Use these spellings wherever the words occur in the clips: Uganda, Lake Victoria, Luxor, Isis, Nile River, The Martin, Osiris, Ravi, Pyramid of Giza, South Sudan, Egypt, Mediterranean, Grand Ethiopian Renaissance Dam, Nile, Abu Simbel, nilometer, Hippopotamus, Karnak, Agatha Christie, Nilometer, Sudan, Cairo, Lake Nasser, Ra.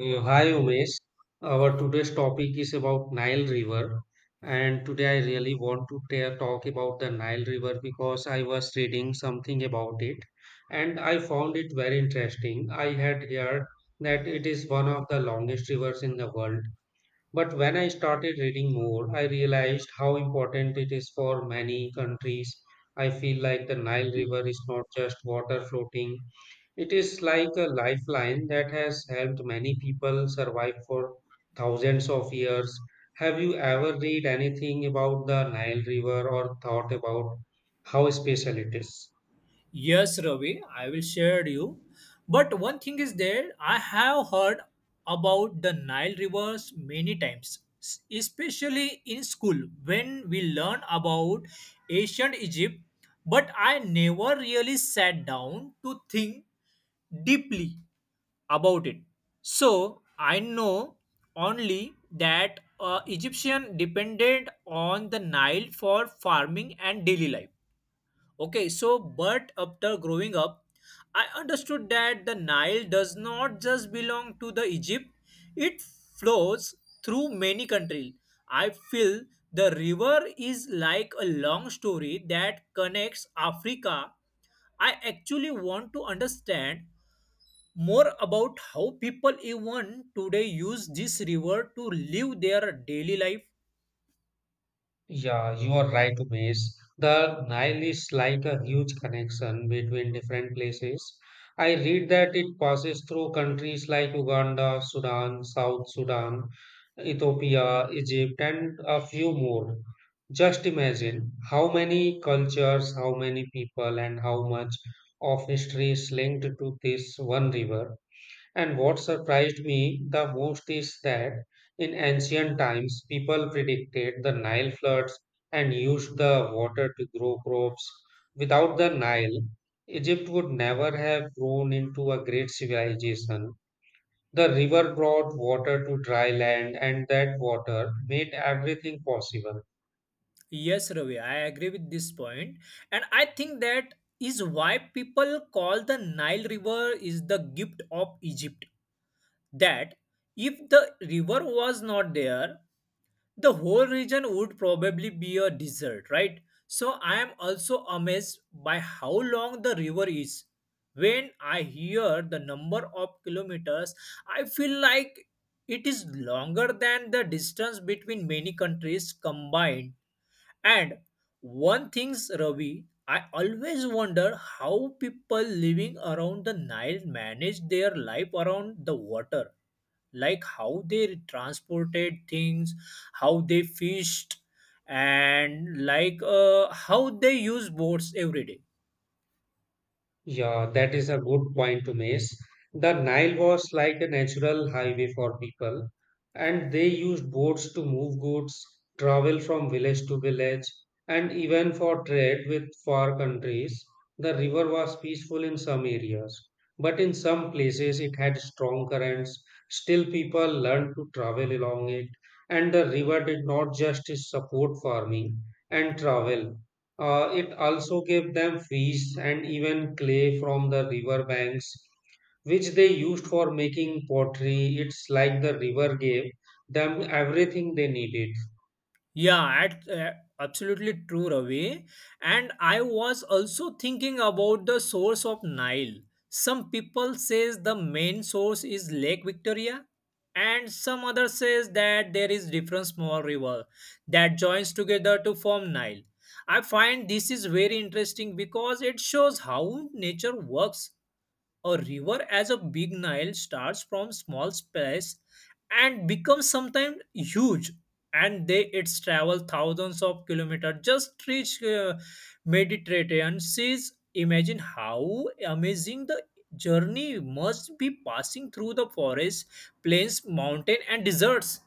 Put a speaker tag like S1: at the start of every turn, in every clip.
S1: Hi Umesh, our today's topic is about Nile River and today I really want to talk about the Nile River because I was reading something about it and I found it very interesting. I had heard that it is one of the longest rivers in the world but when I started reading more, I realized how important it is for many countries. I feel like the Nile River is not just water floating, it is like a lifeline that has helped many people survive for thousands of years. Have you ever read anything about the Nile River or thought about how special it is?
S2: Yes, Ravi, I will share you. But one thing is there, I have heard about the Nile rivers many times, especially in school when we learn about ancient Egypt. But I never really sat down to think deeply about it. So I know only that Egyptian depended on the Nile for farming and daily life. Okay, so but after growing up, I understood that the Nile does not just belong to the Egypt, it flows through many countries. I feel the river is like a long story that connects Africa. I actually want to understand more about how people even today use this river to live their daily life.
S1: Yeah, you are right, Umesh. The Nile is like a huge connection between different places. I read that it passes through countries like Uganda, Sudan, South Sudan, Ethiopia, Egypt, and a few more. Just imagine how many cultures, how many people, and how much of history is linked to this one river. And what surprised me the most is that in ancient times, people predicted the Nile floods and used the water to grow crops. Without the Nile, Egypt would never have grown into a great civilization. The river brought water to dry land, and that water made everything possible.
S2: Yes, Ravi, I agree with this point, and I think that is why people call the Nile River is the gift of Egypt. That if the river was not there, the whole region would probably be a desert, right? So I am also amazed by how long the river is. When I hear the number of kilometers, I feel like it is longer than the distance between many countries combined, and one thing's Ravi, I always wonder how people living around the Nile manage their life around the water. Like how they transported things, how they fished, and like how they use boats every day.
S1: Yeah, that is a good point to make. The Nile was like a natural highway for people, and they used boats to move goods, travel from village to village, and even for trade with far countries. The river was peaceful in some areas, but in some places it had strong currents. Still, people learned to travel along it, and the river did not just support farming and travel. It also gave them fish and even clay from the river banks, which they used for making pottery. It's like the river gave them everything they needed.
S2: Yeah, at, uh, Absolutely true, Ravi. And I was also thinking about the source of Nile. Some people says the main source is Lake Victoria, and some other says that there is different small river that joins together to form Nile. I find this is very interesting because it shows how nature works, a river as a big Nile starts from small space and becomes sometimes huge, and they it's travel thousands of kilometers just to reach Mediterranean seas. Imagine how amazing the journey must be passing through the forest, plains, mountain and deserts.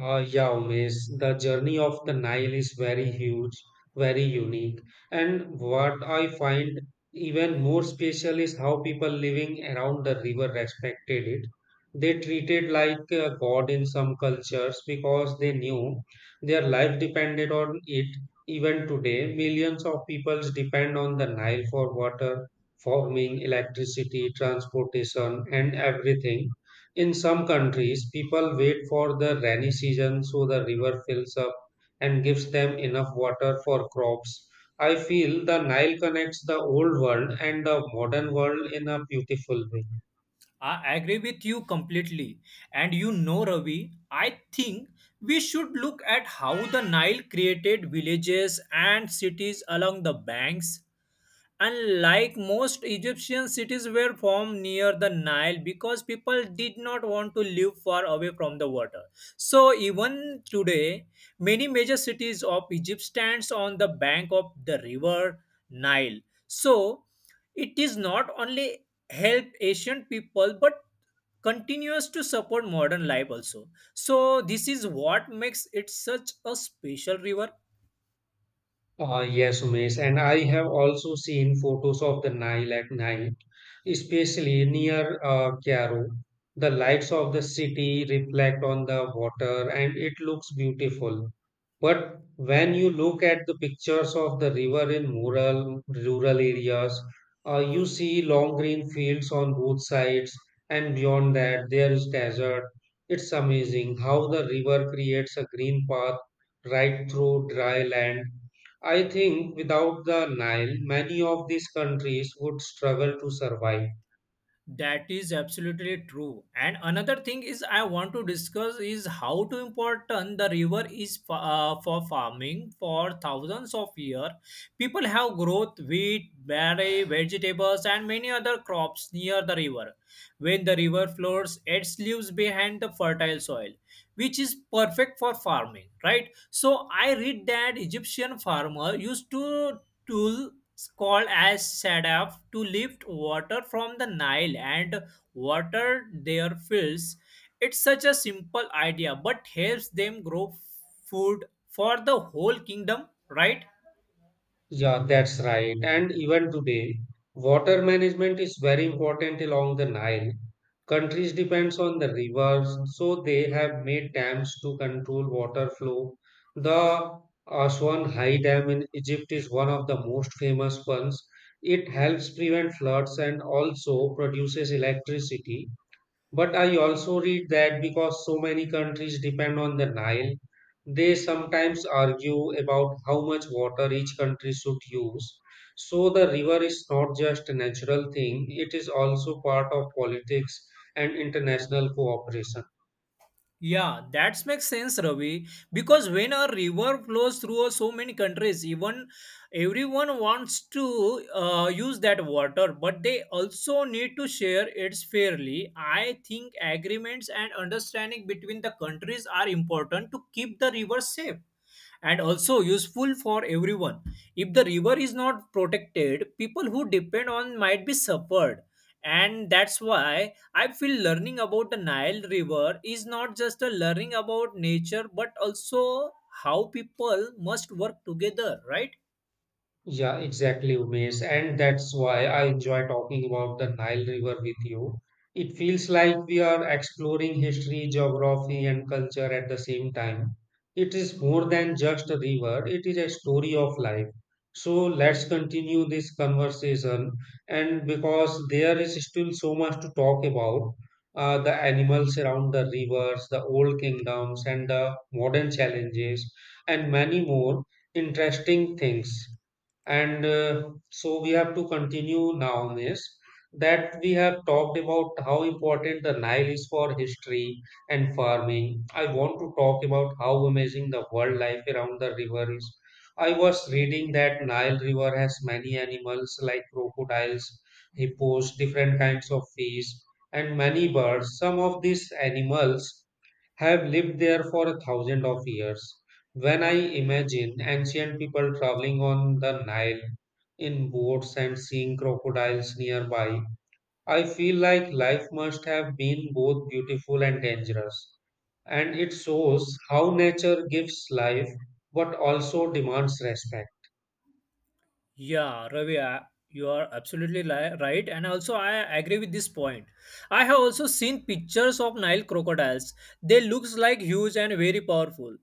S1: Yeah, Umesh, the journey of the Nile is very huge, very unique. And what I find even more special is how people living around the river respected it. They treated like a god in some cultures because they knew their life depended on it. Even today, millions of people depend on the Nile for water, farming, electricity, transportation, and everything. In some countries, people wait for the rainy season so the river fills up and gives them enough water for crops. I feel the Nile connects the old world and the modern world in a beautiful way.
S2: I agree with you completely. And you know, Ravi, I think we should look at how the Nile created villages and cities along the banks. Unlike most Egyptian cities were formed near the Nile because people did not want to live far away from the water. So even today, many major cities of Egypt stands on the bank of the river Nile. So it is not only help Asian people but continues to support modern life also. So this is what makes it such a special river.
S1: Yes, Umesh, and I have also seen photos of the Nile at night, especially near Cairo. The lights of the city reflect on the water and it looks beautiful. But when you look at the pictures of the river in rural areas, you see long green fields on both sides, and beyond that, there is desert. It's amazing how the river creates a green path right through dry land. I think without the Nile, many of these countries would struggle to survive.
S2: That is absolutely true. And another thing is I want to discuss is how to important the river is for farming for thousands of years. People have growth wheat, berry, vegetables, and many other crops near the river. When the river flows, it leaves behind the fertile soil, which is perfect for farming, right? So I read that Egyptian farmer used to tool called as sadaf to lift water from the Nile and water their fields. It's such a simple idea, but helps them grow food for the whole kingdom, right?
S1: Yeah, that's right. And even today, water management is very important along the Nile. Countries depends on the rivers, so they have made dams to control water flow. The Aswan High Dam in Egypt is one of the most famous ones. It helps prevent floods and also produces electricity. But I also read that because so many countries depend on the Nile, they sometimes argue about how much water each country should use. So the river is not just a natural thing, it is also part of politics and international cooperation.
S2: Yeah, that makes sense, Ravi. Because when a river flows through so many countries, even everyone wants to use that water, but they also need to share it fairly. I think agreements and understanding between the countries are important to keep the river safe and also useful for everyone. If the river is not protected, people who depend on might be suffered. And that's why I feel learning about the Nile River is not just a learning about nature but also how people must work together, right?
S1: Yeah, exactly, Umesh. And that's why I enjoy talking about the Nile River with you. It feels like we are exploring history, geography, and culture at the same time. It is more than just a river, it is a story of life. So let's continue this conversation. And because there is still so much to talk about, the animals around the rivers, the old kingdoms, and the modern challenges, and many more interesting things. And so we have to continue now on this that we have talked about how important the Nile is for history and farming. I want to talk about how amazing the wildlife around the river is. I was reading that Nile River has many animals like crocodiles, hippos, different kinds of fish, and many birds. Some of these animals have lived there for a thousand of years. When I imagine ancient people traveling on the Nile in boats and seeing crocodiles nearby, I feel like life must have been both beautiful and dangerous. And it shows how nature gives life but also demands respect.
S2: Yeah, Ravi, I- you are absolutely right, and also I agree with this point. I have also seen pictures of Nile crocodiles. They looks like huge and very powerful.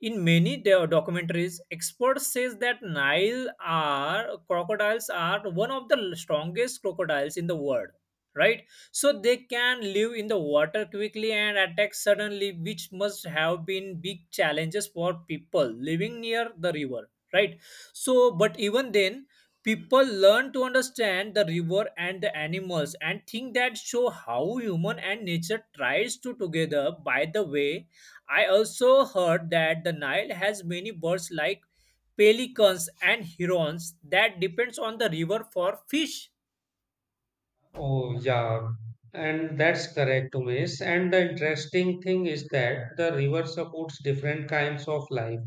S2: In many documentaries, experts says that Nile are crocodiles are one of the strongest crocodiles in the world, right? So they can live in the water quickly and attack suddenly, which must have been big challenges for people living near the river, right? So, but even then, people learn to understand the river and the animals and think that show how human and nature tries to together. By the way, I also heard that the Nile has many birds like pelicans and herons that depends on the river for fish.
S1: Oh, yeah, and that's correct, Umesh. And the interesting thing is that the river supports different kinds of life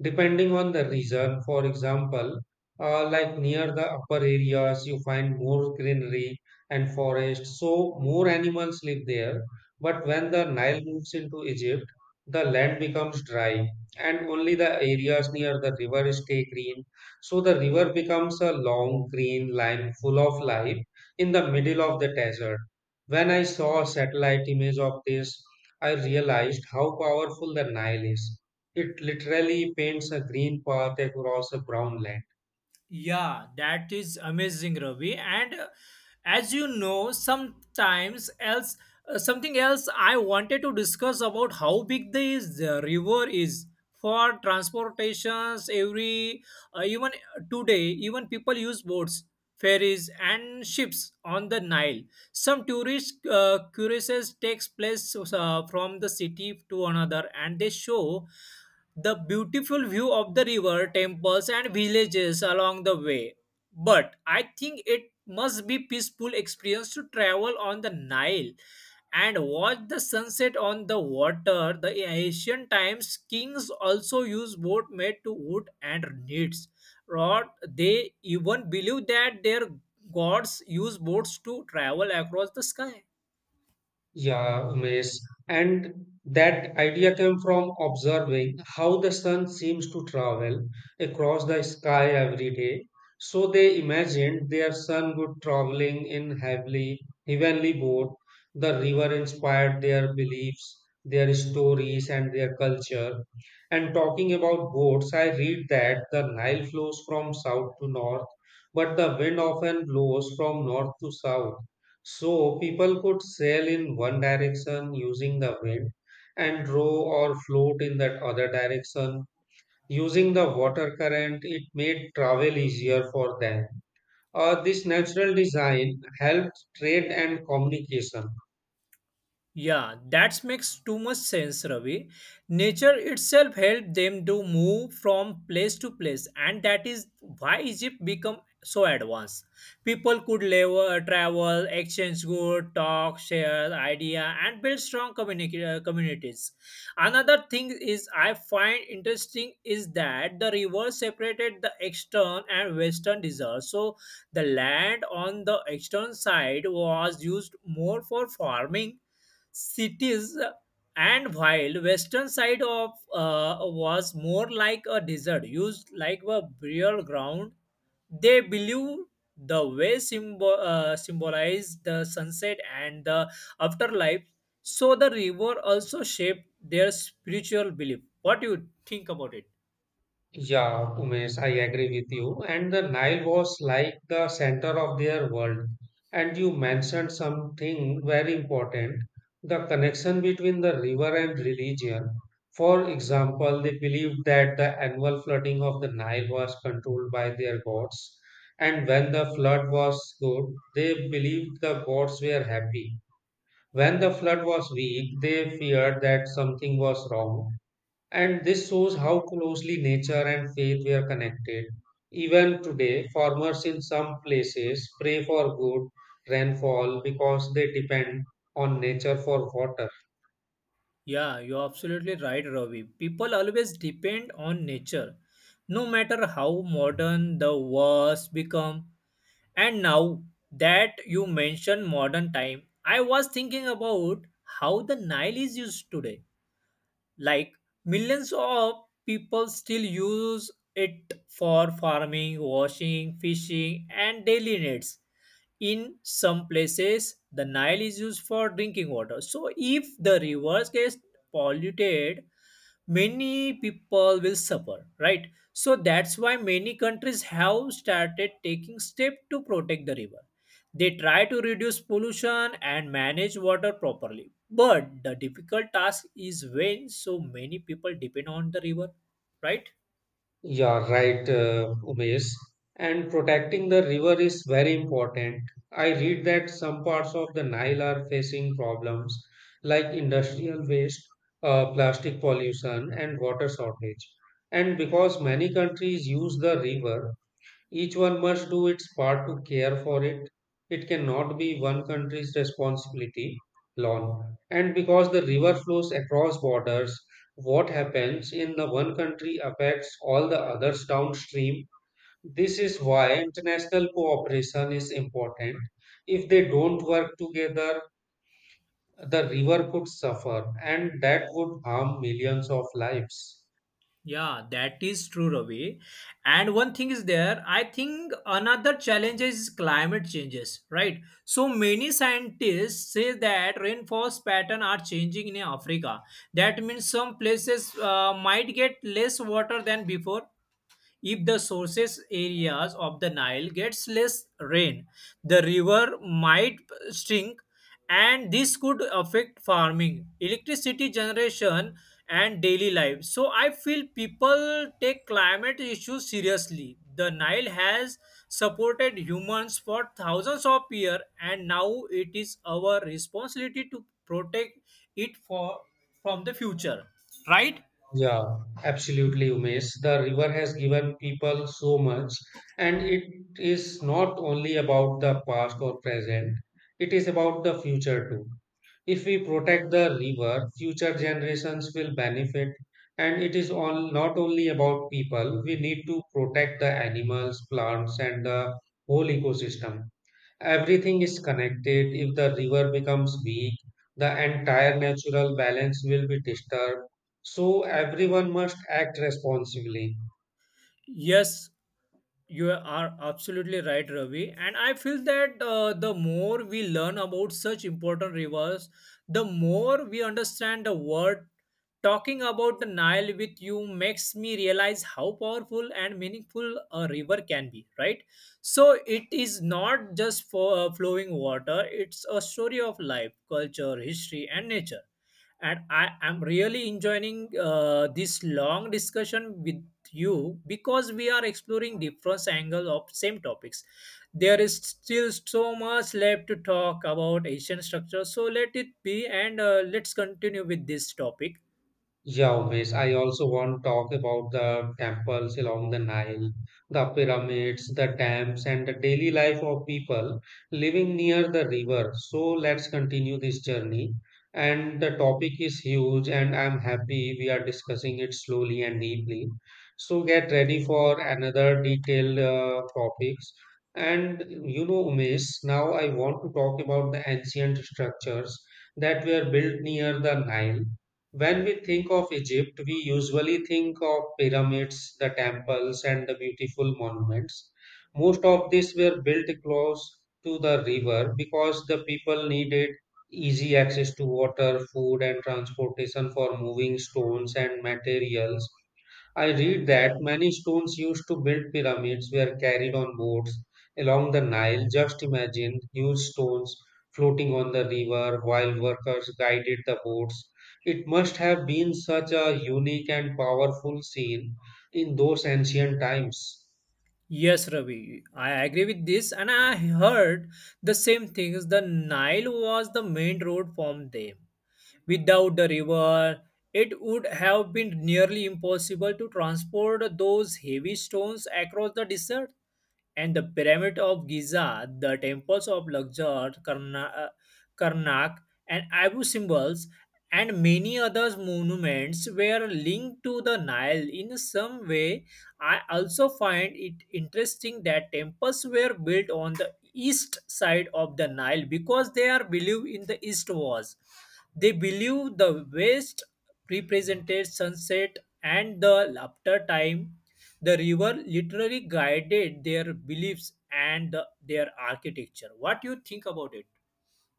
S1: depending on the region. For example, like near the upper areas, you find more greenery and forest, so more animals live there. But when the Nile moves into Egypt, the land becomes dry, and only the areas near the river stay green. So the river becomes a long green line full of life in the middle of the desert. When I saw a satellite image of this, I realized how powerful the Nile is. It literally paints a green path across a brown land.
S2: Yeah, that is amazing, Ravi. And as you know, sometimes else something else I wanted to discuss about how big this river is for transportations. Every Even today, even people use boats, ferries, and ships on the Nile. Some tourist cruises takes place from the city to another, and they show the beautiful view of the river, temples, and villages along the way. But I think it must be peaceful experience to travel on the Nile and watch the sunset on the water. The ancient times kings also used boat made to wood and reeds. Rod, they even believe that their gods use boats to travel across the sky.
S1: Yeah, Umesh. And that idea came from observing how the sun seems to travel across the sky every day. So they imagined their sun would traveling in heavenly boat. The river inspired their beliefs, their stories, and their culture. And talking about boats, I read that the Nile flows from south to north, but the wind often blows from north to south. So people could sail in one direction using the wind and row or float in that other direction using the water current. It made travel easier for them. This natural design helped trade and communication.
S2: Yeah, that makes too much sense, Ravi. Nature itself helped them to move from place to place, and that is why Egypt became so advanced. People could level, travel, exchange goods, talk, share idea, and build strong communities. Another thing is I find interesting is that the river separated the eastern and western deserts. So the land on the eastern side was used more for farming cities, and while western side of was more like a desert used like a burial ground. They believe the way symbol, symbolize the sunset and the afterlife. So the river also shaped their spiritual belief. What do you think about it?
S1: Yeah, Umesh, I agree with you. And the Nile was like the center of their world. And you mentioned something very important, the connection between the river and religion. For example, they believed that the annual flooding of the Nile was controlled by their gods. And when the flood was good, they believed the gods were happy. When the flood was weak, they feared that something was wrong. And this shows how closely nature and faith were connected. Even today, farmers in some places pray for good rainfall because they depend on nature for water.
S2: Yeah, you're absolutely right, Ravi. People always depend on nature no matter how modern the wars become. And now that you mention modern time, I was thinking about how the Nile is used today. Like millions of people still use it for farming, washing, fishing, and daily needs. In some places, the Nile is used for drinking water. So if the rivers gets polluted, many people will suffer, right? So that's why many countries have started taking steps to protect the river. They try to reduce pollution and manage water properly, but the difficult task is when so many people depend on the river, right?
S1: Yeah, right, Umesh. And protecting the river is very important. I read that some parts of the Nile are facing problems like industrial waste, plastic pollution, and water shortage. And because many countries use the river, each one must do its part to care for it. It cannot be one country's responsibility alone. And because the river flows across borders, what happens in the one country affects all the others downstream. This is why international cooperation is important. If they don't work together, the river could suffer, and that would harm millions of lives.
S2: Yeah, that is true, Ravi. And one thing is there, I think another challenge is climate changes, right? So many scientists say that rainforest pattern are changing in Africa. That means some places might get less water than before. If the sources areas of the Nile gets less rain, the river might shrink, and this could affect farming, electricity generation and daily life. So I feel people take climate issues seriously. The Nile has supported humans for thousands of years, and now it is our responsibility to protect it for from the future. Right?
S1: Yeah, absolutely, Umesh. The river has given people so much, and it is not only about the past or present, it is about the future too. If we protect the river, future generations will benefit, and it is all not only about people, we need to protect the animals, plants, and the whole ecosystem. Everything is connected. If the river becomes weak, the entire natural balance will be disturbed. So everyone must act responsibly.
S2: Yes, you are absolutely right, Ravi. And I feel that the more we learn about such important rivers, the more we understand the word. Talking about the Nile with you makes me realize how powerful and meaningful a river can be, right? So it is not just for flowing water, it's a story of life, culture, history, and nature, and I am really enjoying this long discussion with you because we are exploring different angles of same topics. There is still so much left to talk about Asian structure, so let it be and let's continue with this topic.
S1: Yeah, always. I also want to talk about the temples along the Nile, the pyramids, the dams, and the daily life of people living near the river. So let's continue this journey. And the topic is huge, and I'm happy we are discussing it slowly and deeply. So get ready for another detailed topics. And you know, Umesh, now I want to talk about the ancient structures that were built near the Nile. When we think of Egypt, we usually think of pyramids, the temples, and the beautiful monuments. Most of these were built close to the river because the people needed easy access to water, food, and transportation for moving stones and materials. I read that many stones used to build pyramids were carried on boats along the Nile. Just imagine huge stones floating on the river while workers guided the boats. It must have been such a unique and powerful scene in those ancient times.
S2: Yes, Ravi, I agree with this, and I heard the same things. The Nile was the main road from them. Without the river, it would have been nearly impossible to transport those heavy stones across the desert, and the Pyramid of Giza, the temples of Luxor, Karnak, and Abu symbols, and many other monuments were linked to the Nile in some way. I also find it interesting that temples were built on the east side of the Nile because they are believed in the east was. They believe the west represented sunset and the after time. The river literally guided their beliefs and their architecture. What do you think about it?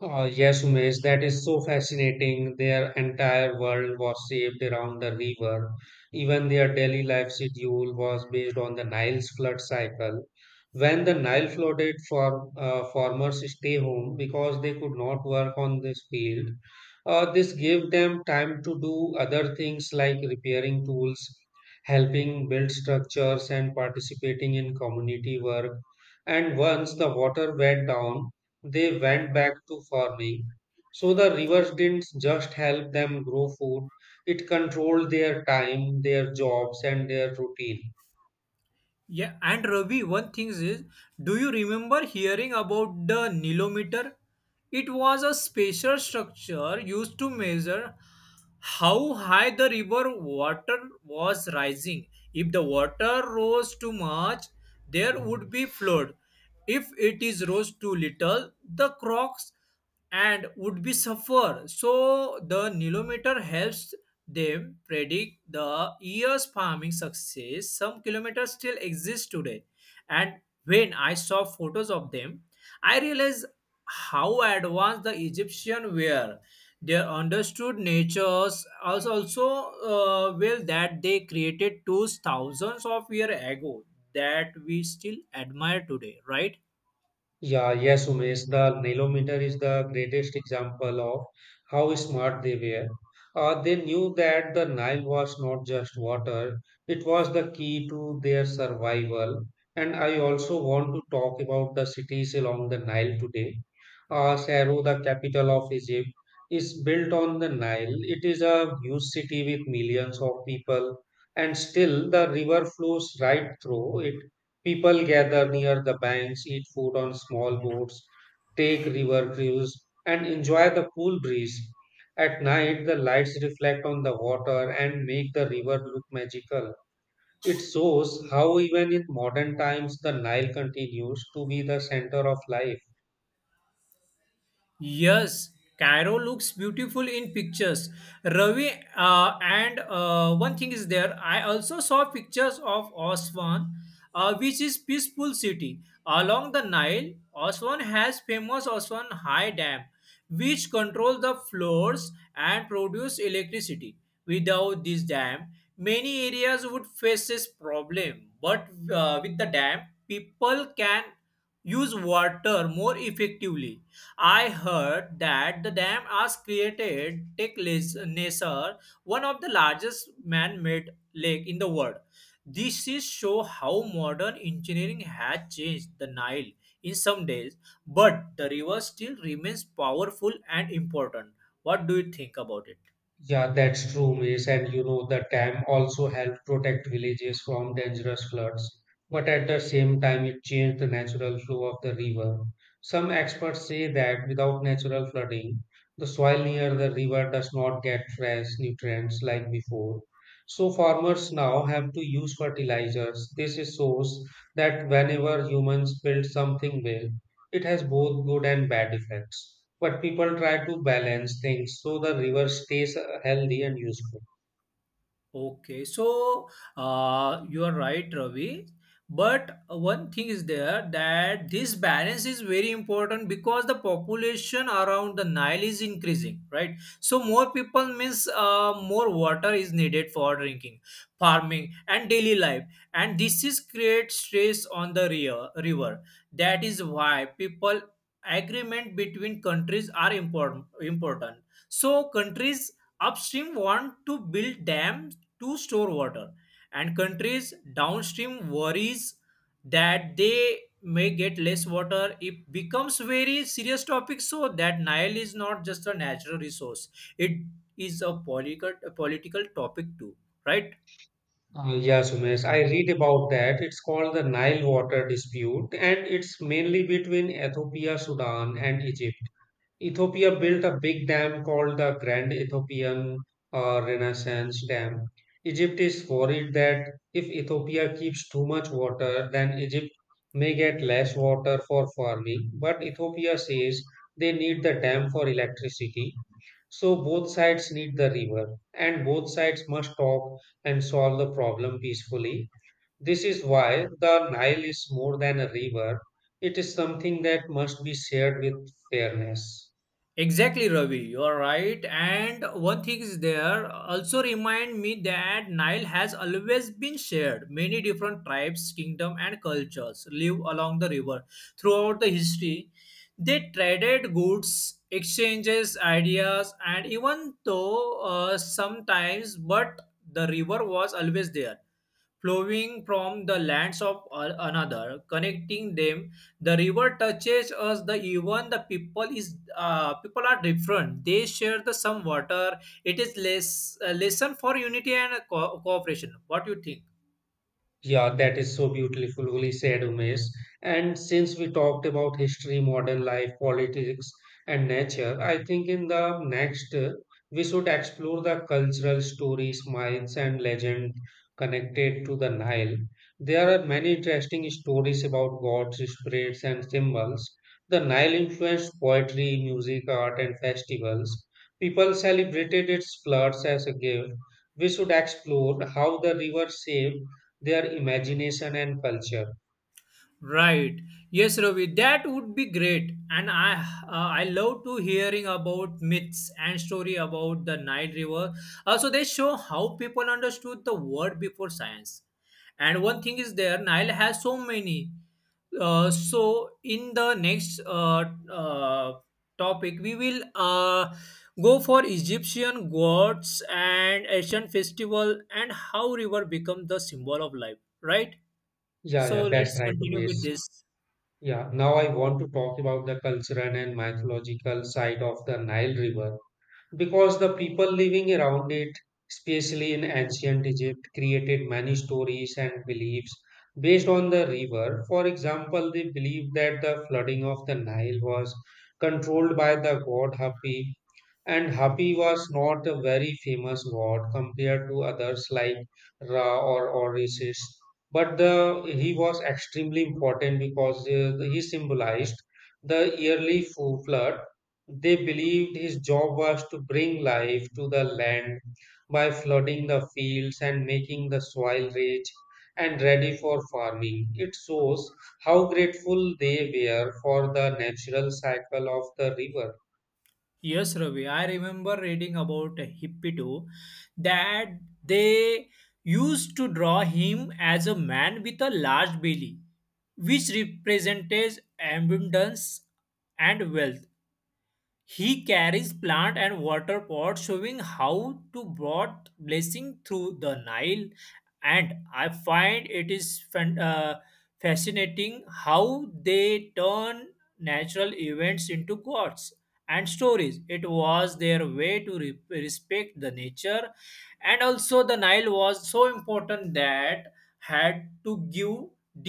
S1: Oh, yes, Umesh, that is so fascinating. Their entire world was shaped around the river. Even their daily life schedule was based on the Nile's flood cycle. When the Nile flooded, farmers stay home because they could not work on this field. This gave them time to do other things like repairing tools, helping build structures, and participating in community work. And once the water went down, they went back to farming. So the rivers didn't just help them grow food, it controlled their time, their jobs, and their routine.
S2: Yeah, and Ravi, one thing is, do you remember hearing about the nilometer? It was a special structure used to measure how high the river water was rising. If the water rose too much, there would be flood. If it is rose too little, the crocks and would be suffer. So the nilometer helps them predict the year's farming success. Some kilometers still exist today, and when I saw photos of them, I realized how advanced the Egyptian were. They understood natures as also well that they created tools thousands of years ago that we still admire today, right?
S1: Yeah, yes, Umesh, the Nilometer is the greatest example of how smart they were. They knew that the Nile was not just water, it was the key to their survival. And I also want to talk about the cities along the Nile today. Cairo, the capital of Egypt, is built on the Nile. It is a huge city with millions of people, and still the river flows right through it. People gather near the banks, eat food on small boats, take river cruise, and enjoy the cool breeze. At night, the lights reflect on the water and make the river look magical. It shows how, even in modern times, the Nile continues to be the center of life.
S2: Yes, Cairo looks beautiful in pictures. Ravi, and one thing is there. I also saw pictures of Aswan, which is peaceful city along the Nile. Aswan has famous Aswan High Dam, which controls the floors and produce electricity. Without this dam, many areas would face this problem. But with the dam, people can use water more effectively. I heard that the dam has created Lake Nasser, one of the largest man-made lake in the world. This is show how modern engineering has changed the Nile in some days, but the river still remains powerful and important. What do you think about it?
S1: Yeah, that's true, Miss. And you know, the dam also helped protect villages from dangerous floods, but at the same time, it changed the natural flow of the river. Some experts say that without natural flooding, the soil near the river does not get fresh nutrients like before. So farmers now have to use fertilizers. This shows that whenever humans build something well, it has both good and bad effects, but people try to balance things so the river stays healthy and useful.
S2: Okay, so you are right, Ravi. But one thing is there that this balance is very important because the population around the Nile is increasing, right? So more people means more water is needed for drinking, farming, and daily life, and this is create stress on the river. That is why people agreement between countries are important. Important. So countries upstream want to build dams to store water and countries downstream worries that they may get less water. It becomes very serious topic, so that Nile is not just a natural resource, it is a political topic too, right?
S1: Yeah, Sumesh, I read about that. It's called the Nile water dispute, and it's mainly between Ethiopia, Sudan, and Egypt. Ethiopia built a big dam called the Grand Ethiopian Renaissance Dam. Egypt is worried that if Ethiopia keeps too much water, then Egypt may get less water for farming. But Ethiopia says they need the dam for electricity. So both sides need the river, and both sides must talk and solve the problem peacefully. This is why the Nile is more than a river, it is something that must be shared with fairness.
S2: Exactly, Ravi. You are right. And one thing is there also remind me that Nile has always been shared. Many different tribes, kingdom, and cultures live along the river throughout the history. They traded goods, exchanges, ideas, and even though sometimes, but the river was always there flowing from the lands of another, connecting them. The river touches us. The even the people is people are different. They share the some water. It is less a lesson for unity and cooperation. What do you think?
S1: Yeah, that is so beautifully said, Umesh. And since we talked about history, modern life, politics, and nature, I think in the next we should explore the cultural stories, myths, and legend connected to the Nile. There are many interesting stories about gods, spirits, and symbols. The Nile influenced poetry, music, art, and festivals. People celebrated its floods as a gift. We should explore how the river saved their imagination and culture.
S2: Right. Yes, Ravi, that would be great. And I love to hearing about myths and story about the Nile River. Also, they show how people understood the world before science. And one thing is there, Nile has so many. So in the next uh, topic we will go for Egyptian gods and ancient festival and how river become the symbol of life, right?
S1: Yeah,
S2: So
S1: yeah, that's
S2: let's
S1: right,
S2: continue with
S1: Umesh.
S2: this.
S1: Yeah, now I want to talk about the cultural and mythological side of the Nile River, because the people living around it, especially in ancient Egypt, created many stories and beliefs based on the river. For example, they believed that the flooding of the Nile was controlled by the god Hapi, and Hapi was not a very famous god compared to others like Ra or Orisis. He was extremely important because he symbolized the yearly flood. They believed his job was to bring life to the land by flooding the fields and making the soil rich and ready for farming. It shows how grateful they were for the natural cycle of the river.
S2: Yes, Ravi, I remember reading about Hippito, that they used to draw him as a man with a large belly, which represented abundance and wealth. He carries plant and water pot showing how to brought blessing through the Nile, and I find it is fascinating how they turn natural events into gods and stories. It was their way to respect the nature, and also the Nile was so important that had to give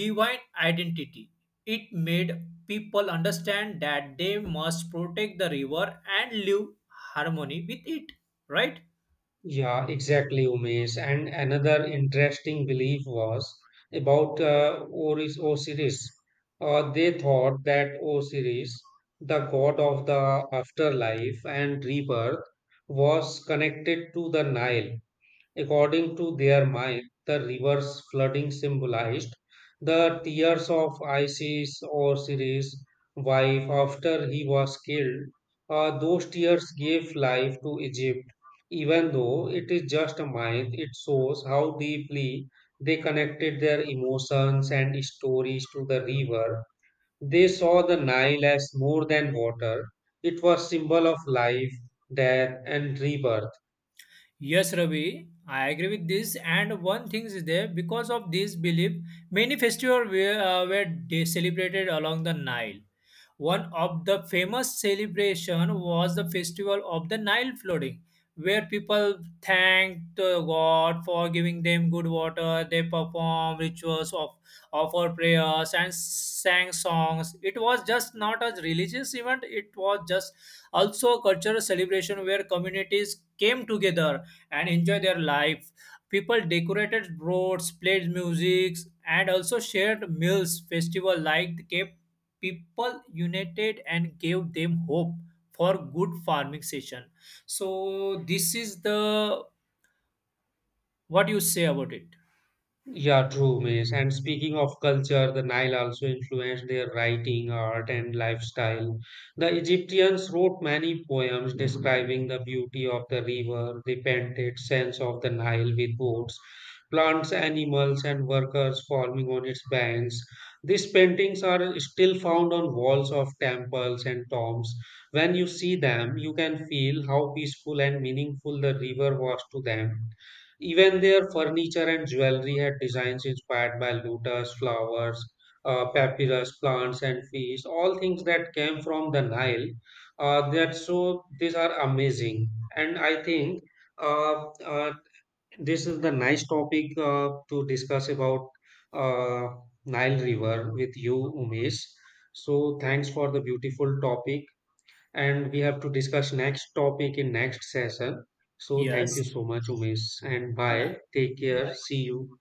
S2: divine identity. It made people understand that they must protect the river and live harmony with it, right?
S1: Yeah, exactly, Umesh. And another interesting belief was about Oris Osiris. They thought that Osiris, the god of the afterlife and rebirth, was connected to the Nile. According to their mind, the river's flooding symbolized the tears of Isis, or Osiris' wife, after he was killed. Those tears gave life to Egypt. Even though it is just a myth, it shows how deeply they connected their emotions and stories to the river. They saw the Nile as more than water. It was symbol of life, death, and rebirth.
S2: Yes, Ravi, I agree with this, and one thing is there, because of this belief many festivals were celebrated along the Nile. One of the famous celebration was the festival of the Nile flooding, where people thanked God for giving them good water. They performed rituals of offer prayers and sang songs. It was just not a religious event; it was just also a cultural celebration where communities came together and enjoy their life. People decorated roads, played music, and also shared meals. Festival like the Cape people united and gave them hope for good farming session. So this is the, what you say about it?
S1: Yeah, true, Miss. And speaking of culture, the Nile also influenced their writing, art, and lifestyle. The Egyptians wrote many poems describing the beauty of the river. They painted scenes of the Nile with boats, plants, animals, and workers forming on its banks. These paintings are still found on walls of temples and tombs. When you see them, you can feel how peaceful and meaningful the river was to them. Even their furniture and jewelry had designs inspired by lotus, flowers, papyrus, plants, and fish, all things that came from the Nile. That so these are amazing. And I think uh, uh, this is the nice topic to discuss about uh, Nile River with you, Umesh. So thanks for the beautiful topic, and we have to discuss next topic in next session. So
S2: Yes.
S1: thank you so much, Umesh, and bye.
S2: Yeah.
S1: Take care. See you.